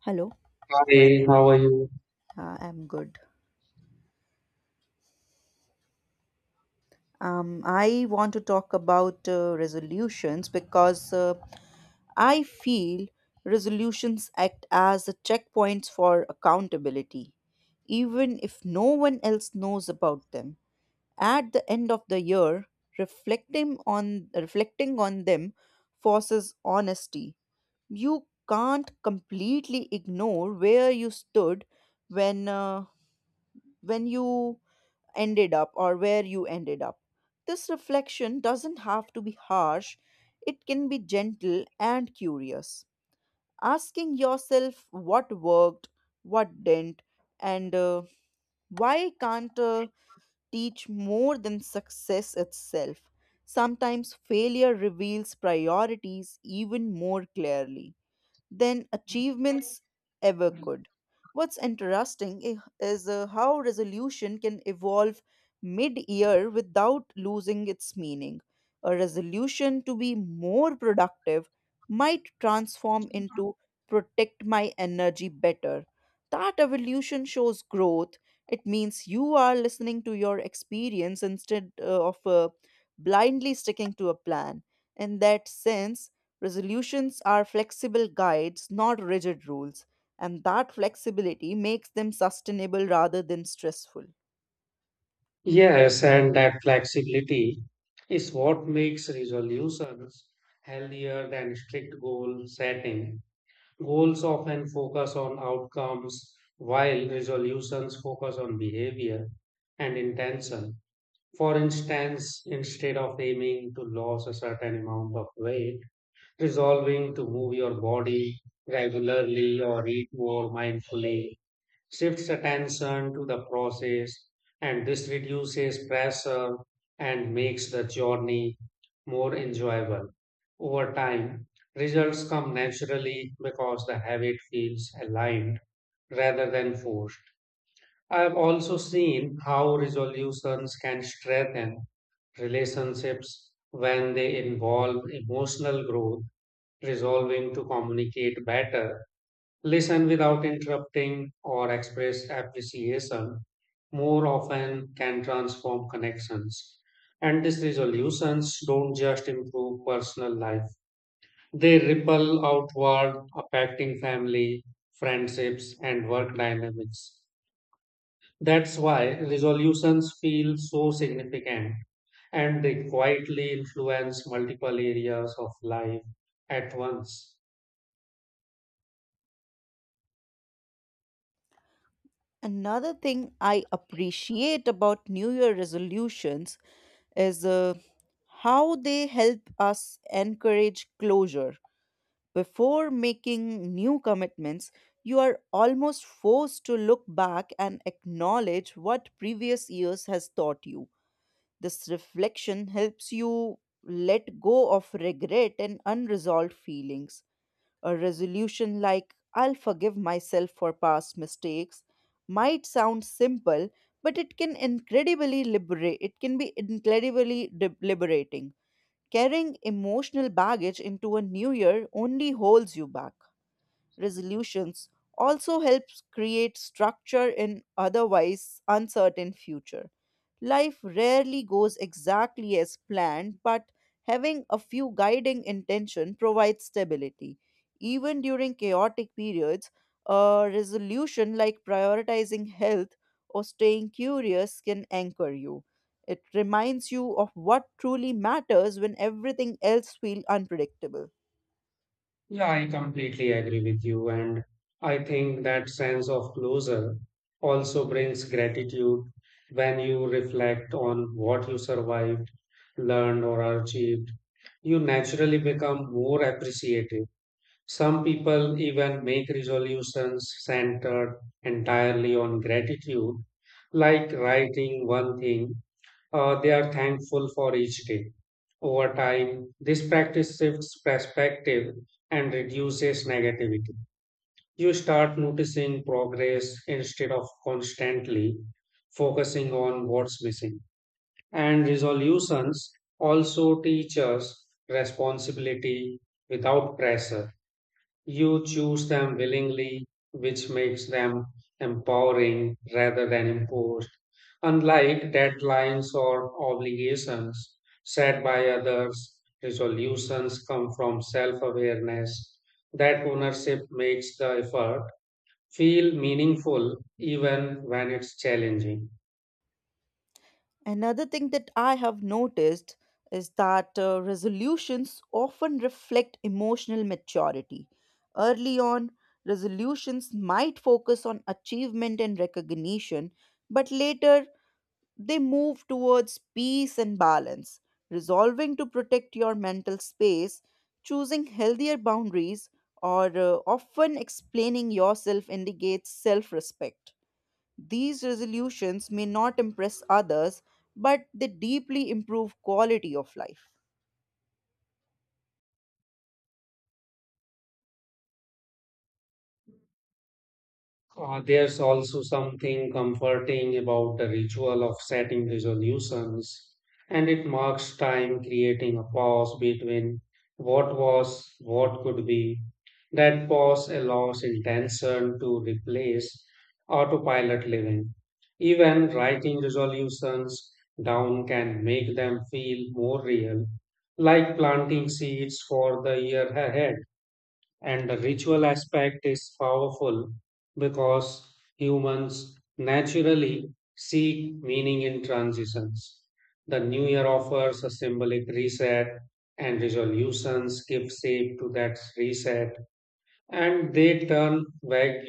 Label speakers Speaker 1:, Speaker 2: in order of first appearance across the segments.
Speaker 1: Hello,
Speaker 2: Hi, how are you?
Speaker 1: I'm good. I want to talk about resolutions because I feel resolutions act as a checkpoints for accountability, even if no one else knows about them. At the end of the year, reflecting on them forces honesty. You can't completely ignore where you stood when uh, when you ended up or where you ended up. This reflection doesn't have to be harsh, it can be gentle and curious. Asking yourself what worked, what didn't, and why can't teach more than success itself? Sometimes failure reveals priorities even more clearly than achievements ever could. What's interesting is how resolution can evolve mid year without losing its meaning. A resolution to be more productive might transform into protect my energy better. That evolution shows growth. It means you are listening to your experience instead of blindly sticking to a plan. In that sense, resolutions are flexible guides, not rigid rules, and that flexibility makes them sustainable rather than stressful.
Speaker 2: Yes, and that flexibility is what makes resolutions healthier than strict goal setting. Goals often focus on outcomes, while resolutions focus on behavior and intention. For instance, instead of aiming to lose a certain amount of weight, resolving to move your body regularly or eat more mindfully shifts attention to the process, and this reduces pressure and makes the journey more enjoyable. Over time, results come naturally because the habit feels aligned rather than forced. I have also seen how resolutions can strengthen relationships when they involve emotional growth, resolving to communicate better, listen without interrupting, or express appreciation more often can transform connections. And these resolutions don't just improve personal life, they ripple outward, affecting family, friendships, and work dynamics. That's why resolutions feel so significant, and they quietly influence multiple areas of life at once.
Speaker 1: Another thing I appreciate about New Year resolutions is how they help us encourage closure. Before making new commitments, you are almost forced to look back and acknowledge what previous years has taught you. This reflection helps you let go of regret and unresolved feelings. A resolution like, I'll forgive myself for past mistakes, might sound simple, but it can incredibly liberate, it can be liberating. Carrying emotional baggage into a new year only holds you back. Resolutions also helps create structure in otherwise uncertain future. Life rarely goes exactly as planned, but having a few guiding intention provides stability. Even during chaotic periods, a resolution like prioritizing health or staying curious can anchor you. It reminds you of what truly matters when everything else feels unpredictable.
Speaker 2: Yeah, I completely agree with you. And I think that sense of closure also brings gratitude when you reflect on what you survived, learned, or achieved. You naturally become more appreciative. Some people even make resolutions centered entirely on gratitude, like writing one thing they are thankful for each day. Over time, this practice shifts perspective and reduces negativity. You start noticing progress instead of constantly focusing on what's missing. And resolutions also teach us responsibility without pressure. You choose them willingly, which makes them empowering rather than imposed. Unlike deadlines or obligations set by others, resolutions come from self awareness. That ownership makes the effort feel meaningful even when it's challenging.
Speaker 1: Another thing that I have noticed is that resolutions often reflect emotional maturity. Early on, resolutions might focus on achievement and recognition, but later they move towards peace and balance. Resolving to protect your mental space, choosing healthier boundaries, or often explaining yourself indicates self respect. These resolutions may not impress others, but they deeply improve quality of life.
Speaker 2: There's also something comforting about the ritual of setting resolutions, and it marks time, creating a pause between what was, what could be. That pause allows intention to replace autopilot living. Even writing resolutions down can make them feel more real, like planting seeds for the year ahead. And the ritual aspect is powerful because humans naturally seek meaning in transitions. The new year offers a symbolic reset, and resolutions give shape to that reset, and they turn vague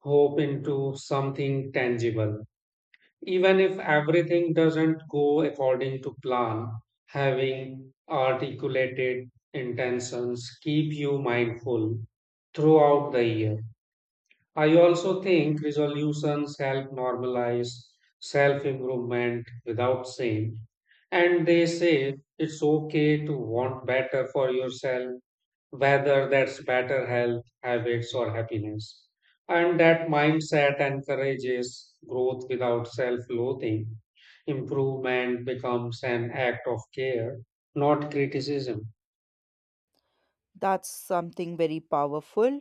Speaker 2: hope into something tangible. Even if everything doesn't go according to plan, having articulated intentions keep you mindful throughout the year. I also think resolutions help normalize self improvement without shame, and they say it's okay to want better for yourself, whether that's better health, habits, or happiness. And that mindset encourages growth without self loathing. Improvement becomes an act of care, not criticism.
Speaker 1: That's something very powerful.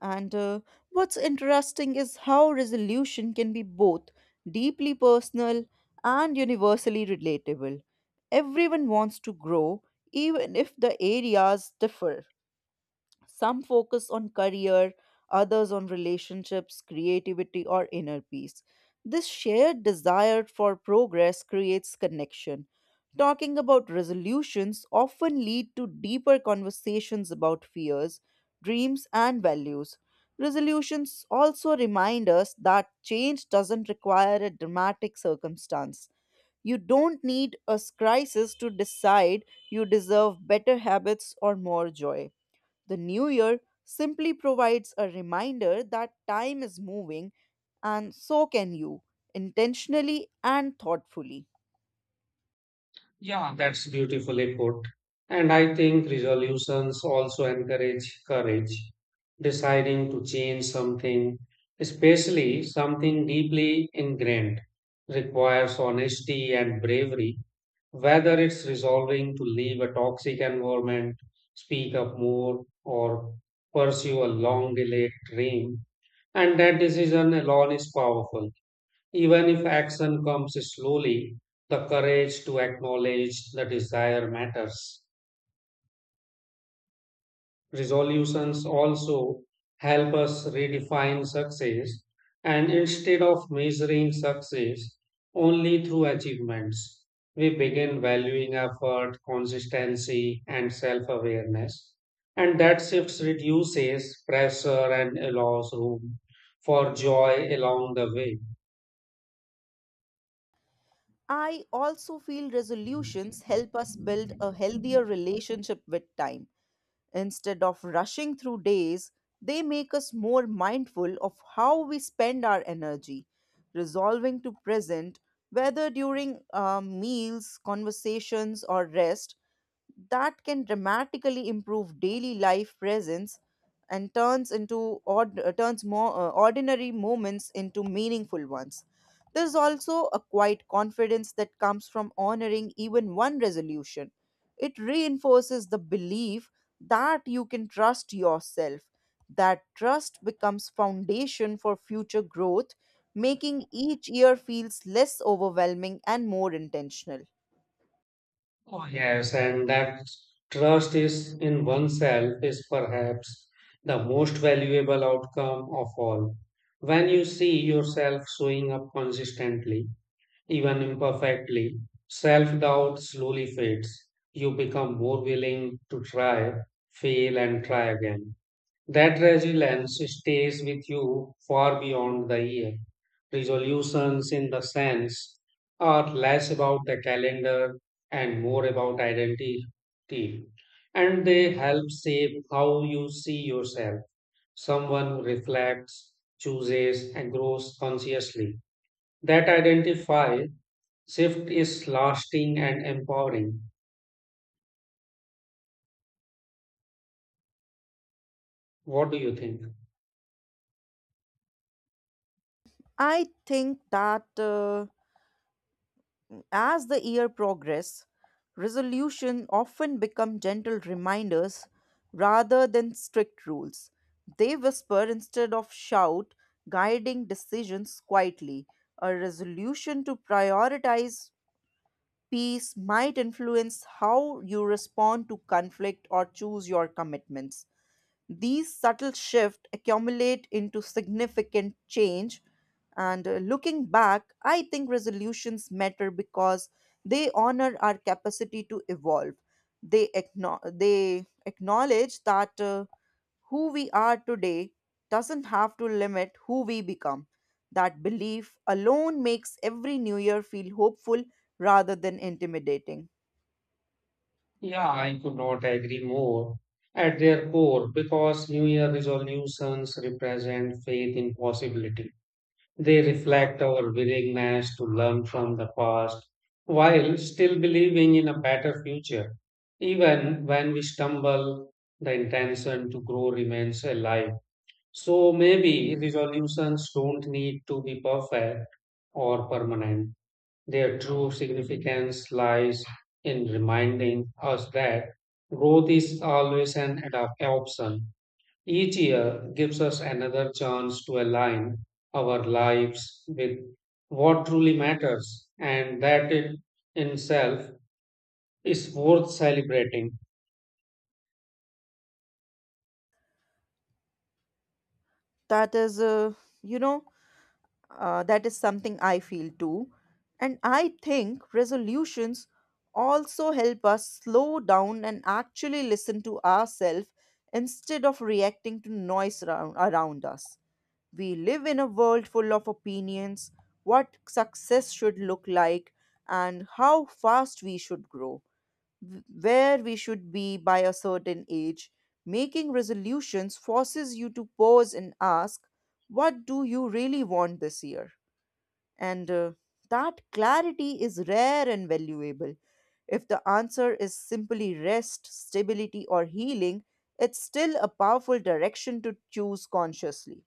Speaker 1: And what's interesting is how resolution can be both deeply personal and universally relatable. Everyone wants to grow, even if the areas differ. Some focus on career, others on relationships, creativity, or inner peace. This shared desire for progress creates connection. Talking about resolutions often lead to deeper conversations about fears, dreams, and values. Resolutions also remind us that change doesn't require a dramatic circumstance. You don't need a crisis to decide you deserve better habits or more joy. The new year simply provides a reminder that time is moving and so can you, intentionally and thoughtfully.
Speaker 2: Yeah, that's beautifully put. And I think resolutions also encourage courage, deciding to change something, especially something deeply ingrained. Requires honesty and bravery, whether it's resolving to leave a toxic environment, speak up more, or pursue a long delayed dream. And that decision alone is powerful. Even if action comes slowly, the courage to acknowledge the desire matters. Resolutions also help us redefine success, and instead of measuring success only through achievements, we begin valuing effort, consistency, and self-awareness, and that shifts reduces pressure and allows room for joy along the way.
Speaker 1: I also feel resolutions help us build a healthier relationship with time. Instead of rushing through days, they make us more mindful of how we spend our energy, resolving to present, whether during meals, conversations, or rest that can dramatically improve daily life presence and turns more ordinary moments into meaningful ones. There's also a quiet confidence that comes from honoring even one resolution. It reinforces the belief that you can trust yourself. That trust becomes foundation for future growth, making each year feels less overwhelming and more intentional.
Speaker 2: Yes, and that trust is in oneself is perhaps the most valuable outcome of all. When you see yourself showing up consistently, even imperfectly, self doubt slowly fades. You become more willing to try, fail, and try again. That resilience stays with you far beyond the year. Resolutions, in the sense, are less about the calendar and more about identity. And they help shape how you see yourself. Someone who reflects, chooses, and grows consciously. That identify shift is lasting and empowering. What do you think?
Speaker 1: I think that as the year progresses, resolution often become gentle reminders rather than strict rules. They whisper instead of shout, guiding decisions quietly. A resolution to prioritize peace might influence how you respond to conflict or choose your commitments. These subtle shifts accumulate into significant change. And looking back, I think resolutions matter because they honor our capacity to evolve. They acknowledge that who we are today doesn't have to limit who we become. That belief alone makes every new year feel hopeful rather than intimidating.
Speaker 2: Yeah, I could not agree more. At their core, because New Year resolutions represent faith in possibility, they reflect our willingness to learn from the past while still believing in a better future. Even when we stumble, the intention to grow remains alive. So maybe resolutions don't need to be perfect or permanent. Their true significance lies in reminding us that growth is always an adapt- option. Each year gives us another chance to align our lives with what truly matters, and that it in itself is worth celebrating.
Speaker 1: That is, you know, that is something I feel too. And I think resolutions also help us slow down and actually listen to ourselves instead of reacting to noise around us. We live in a world full of opinions, what success should look like, and how fast we should grow where we should be by a certain age, making resolutions forces you to pause and ask, what do you really want this year? And That clarity is rare and valuable. If the answer is simply rest, stability, or healing, it's still a powerful direction to choose consciously.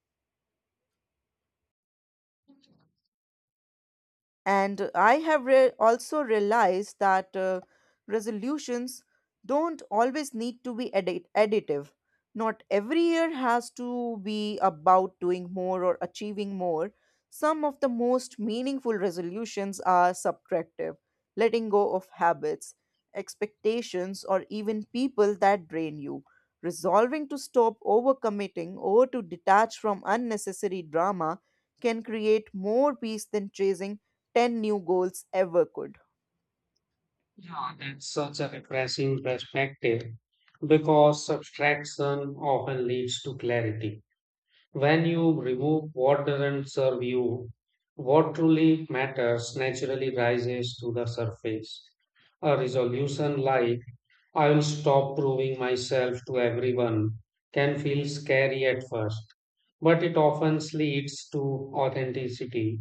Speaker 1: And I have also realized that resolutions don't always need to be additive. Not every year has to be about doing more or achieving more. Some of the most meaningful resolutions are subtractive, letting go of habits, expectations, or even people that drain you. Resolving to stop overcommitting or to detach from unnecessary drama can create more peace than chasing 10 new goals ever could.
Speaker 2: Yeah, that's such a refreshing perspective because subtraction often leads to clarity. When you remove what doesn't serve you, what truly matters naturally rises to the surface. A resolution like, I will stop proving myself to everyone, can feel scary at first, but it often leads to authenticity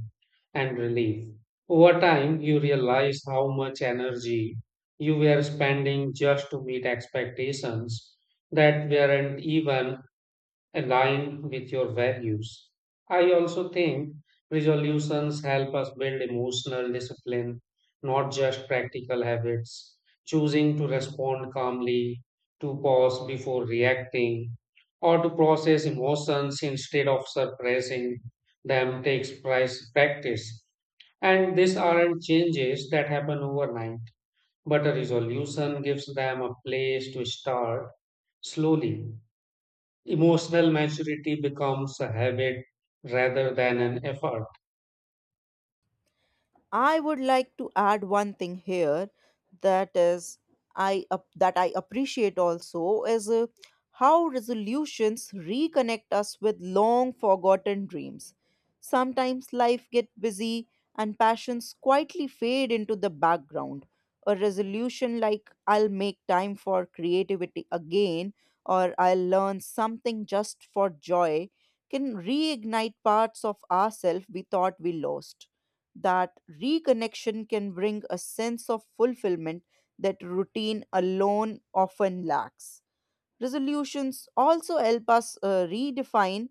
Speaker 2: and relief. Over time, you realize how much energy you were spending just to meet expectations that weren't even align with your values. I also think resolutions help us build emotional discipline, not just practical habits. Choosing to respond calmly, to pause before reacting, or to process emotions instead of suppressing them takes price practice. And these aren't changes that happen overnight, but a resolution gives them a place to start slowly. Emotional maturity becomes a habit rather than an effort.
Speaker 1: I would like to add one thing here that is that I appreciate also is how resolutions reconnect us with long forgotten dreams. Sometimes life gets busy and passions quietly fade into the background. A resolution like I'll make time for creativity again or I'll learn something just for joy can reignite parts of ourselves we thought we lost. That reconnection can bring a sense of fulfillment that routine alone often lacks. Resolutions also help us redefine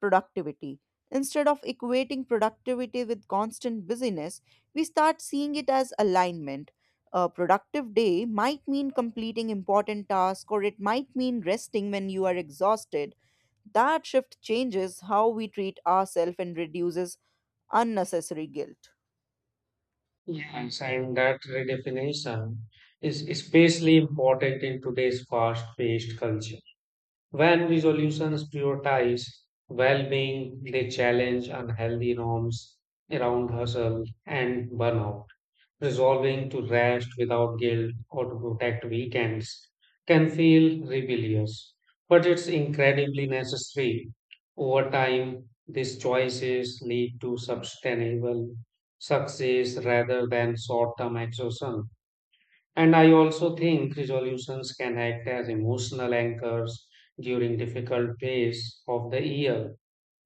Speaker 1: productivity. Instead of equating productivity with constant busyness, we start seeing it as alignment. A productive day might mean completing important tasks or it might mean resting when you are exhausted. That shift changes how we treat ourselves and reduces unnecessary guilt.
Speaker 2: Yes. And that redefinition is especially important in today's fast-paced culture. When resolutions prioritize well-being, they challenge unhealthy norms around hustle and burnout. Resolving to rest without guilt or to protect weekends can feel rebellious, but it's incredibly necessary. Over time, these choices lead to sustainable success rather than short term exhaustion. And I also think resolutions can act as emotional anchors during difficult phase of the year.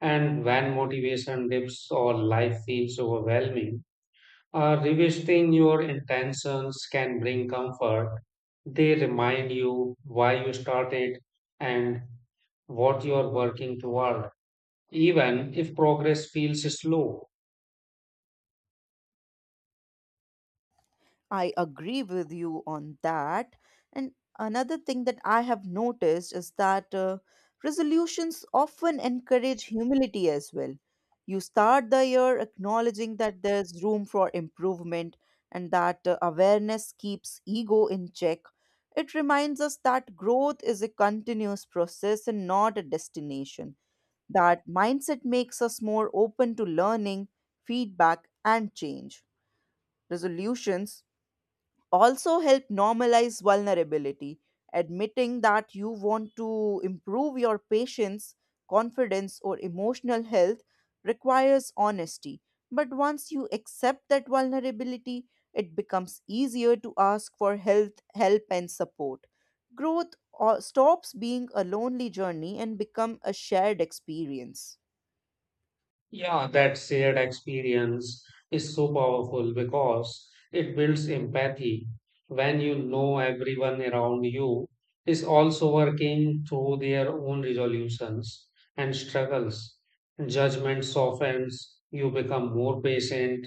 Speaker 2: And when motivation dips or life feels overwhelming, revisiting your intentions can bring comfort. They remind you why you started and what you are working toward, even if progress feels slow.
Speaker 1: I agree with you on that. And another thing that I have noticed is that resolutions often encourage humility as well. You start the year acknowledging that there's room for improvement and that awareness keeps ego in check. It reminds us that growth is a continuous process and not a destination. That mindset makes us more open to learning, feedback, and change. Resolutions also help normalize vulnerability. Admitting that you want to improve your patience, confidence, or emotional health requires honesty. But once you accept that vulnerability, it becomes easier to ask for health, help, and support. Growth stops being a lonely journey and become a shared experience.
Speaker 2: Yeah, that shared experience is so powerful because it builds empathy when you know everyone around you is also working through their own resolutions and struggles. Judgment softens, you become more patient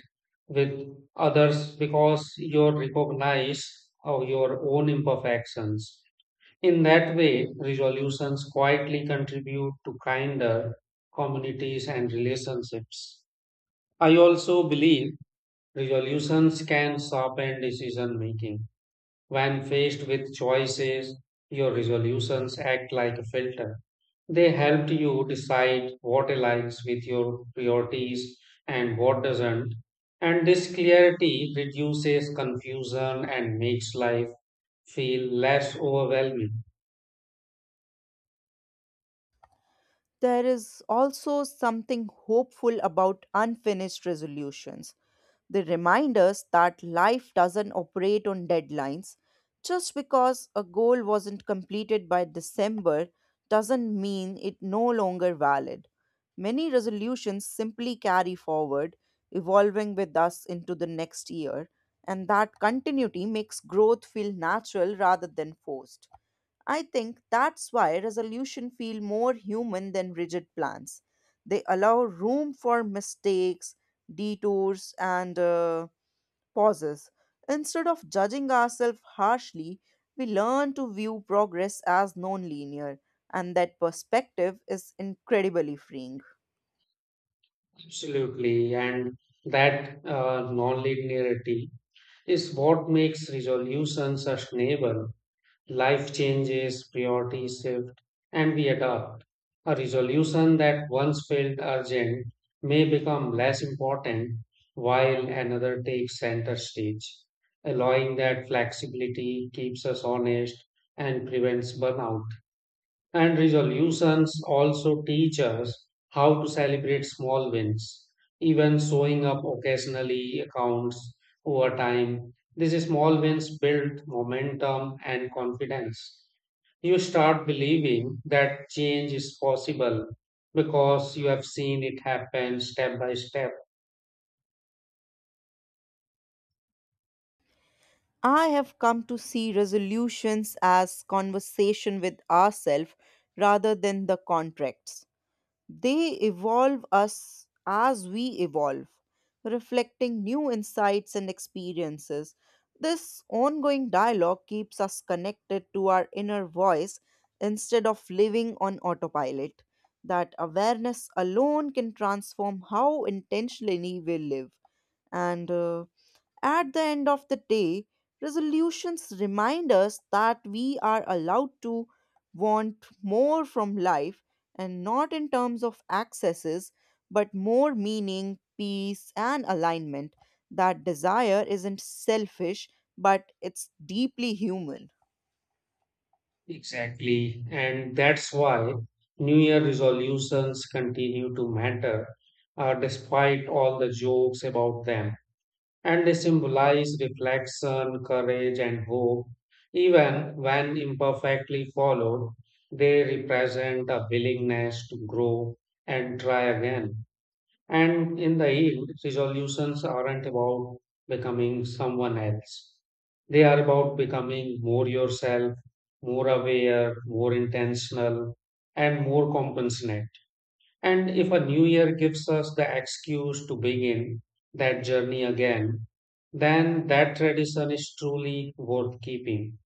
Speaker 2: with others because you recognize your own imperfections. In that way, resolutions quietly contribute to kinder communities and relationships. I also believe resolutions can sharpen decision making. When faced with choices, your resolutions act like a filter. They help you decide what aligns with your priorities and what doesn't. And this clarity reduces confusion and makes life feel less overwhelming.
Speaker 1: There is also something hopeful about unfinished resolutions. They remind us that life doesn't operate on deadlines. Just because a goal wasn't completed by December doesn't mean it no longer valid. Many resolutions simply carry forward, evolving with us into the next year, and that continuity makes growth feel natural rather than forced. I think that's why resolutions feel more human than rigid plans. They allow room for mistakes, detours, and pauses. Instead of judging ourselves harshly, we learn to view progress as non-linear, and that perspective is incredibly freeing.
Speaker 2: Absolutely, and that non is what makes resolution sustainable. Life changes, priorities shift, and we adapt. A resolution that once felt urgent may become less important while another takes center stage. Allowing that flexibility keeps us honest and prevents burnout. And resolutions also teach us how to celebrate small wins. Even showing up occasionally accounts over time. These small wins build momentum and confidence. You start believing that change is possible because you have seen it happen step by step.
Speaker 1: I have come to see resolutions as conversation with ourselves rather than the contracts. They evolve us as we evolve, reflecting new insights and experiences. This ongoing dialogue keeps us connected to our inner voice instead of living on autopilot. That awareness alone can transform how intentionally we live. And At the end of the day, resolutions remind us that we are allowed to want more from life and not in terms of accesses, but more meaning, peace, and alignment. That desire isn't selfish, but it's deeply human.
Speaker 2: Exactly. And that's why New Year resolutions continue to matter, despite all the jokes about them. And they symbolize reflection, courage, and hope. Even when imperfectly followed, they represent a willingness to grow and try again. And in the end, resolutions aren't about becoming someone else. They are about becoming more yourself, more aware, more intentional, and more compassionate. And if a new year gives us the excuse to begin that journey again, then that tradition is truly worth keeping.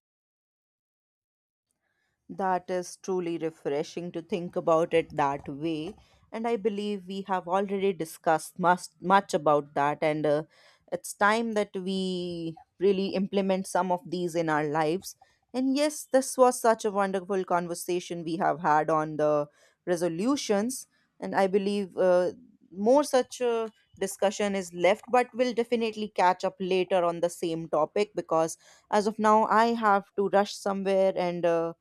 Speaker 1: That is truly refreshing to think about it that way. And I believe we have already discussed much, much about that. And It's time that we really implement some of these in our lives. And yes, this was such a wonderful conversation we have had on the resolutions. And I believe more such a discussion is left, but we'll definitely catch up later on the same topic because as of now, I have to rush somewhere and. Uh,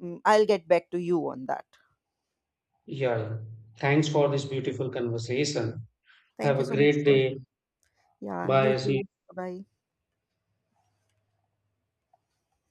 Speaker 1: Mm, I'll get back to you on that.
Speaker 2: Yeah, thanks for this beautiful conversation.
Speaker 1: Thank
Speaker 2: Have
Speaker 1: you
Speaker 2: a
Speaker 1: so much
Speaker 2: great
Speaker 1: for,
Speaker 2: day.
Speaker 1: yeah, you
Speaker 2: Bye. See
Speaker 1: too.
Speaker 2: you.
Speaker 1: Bye.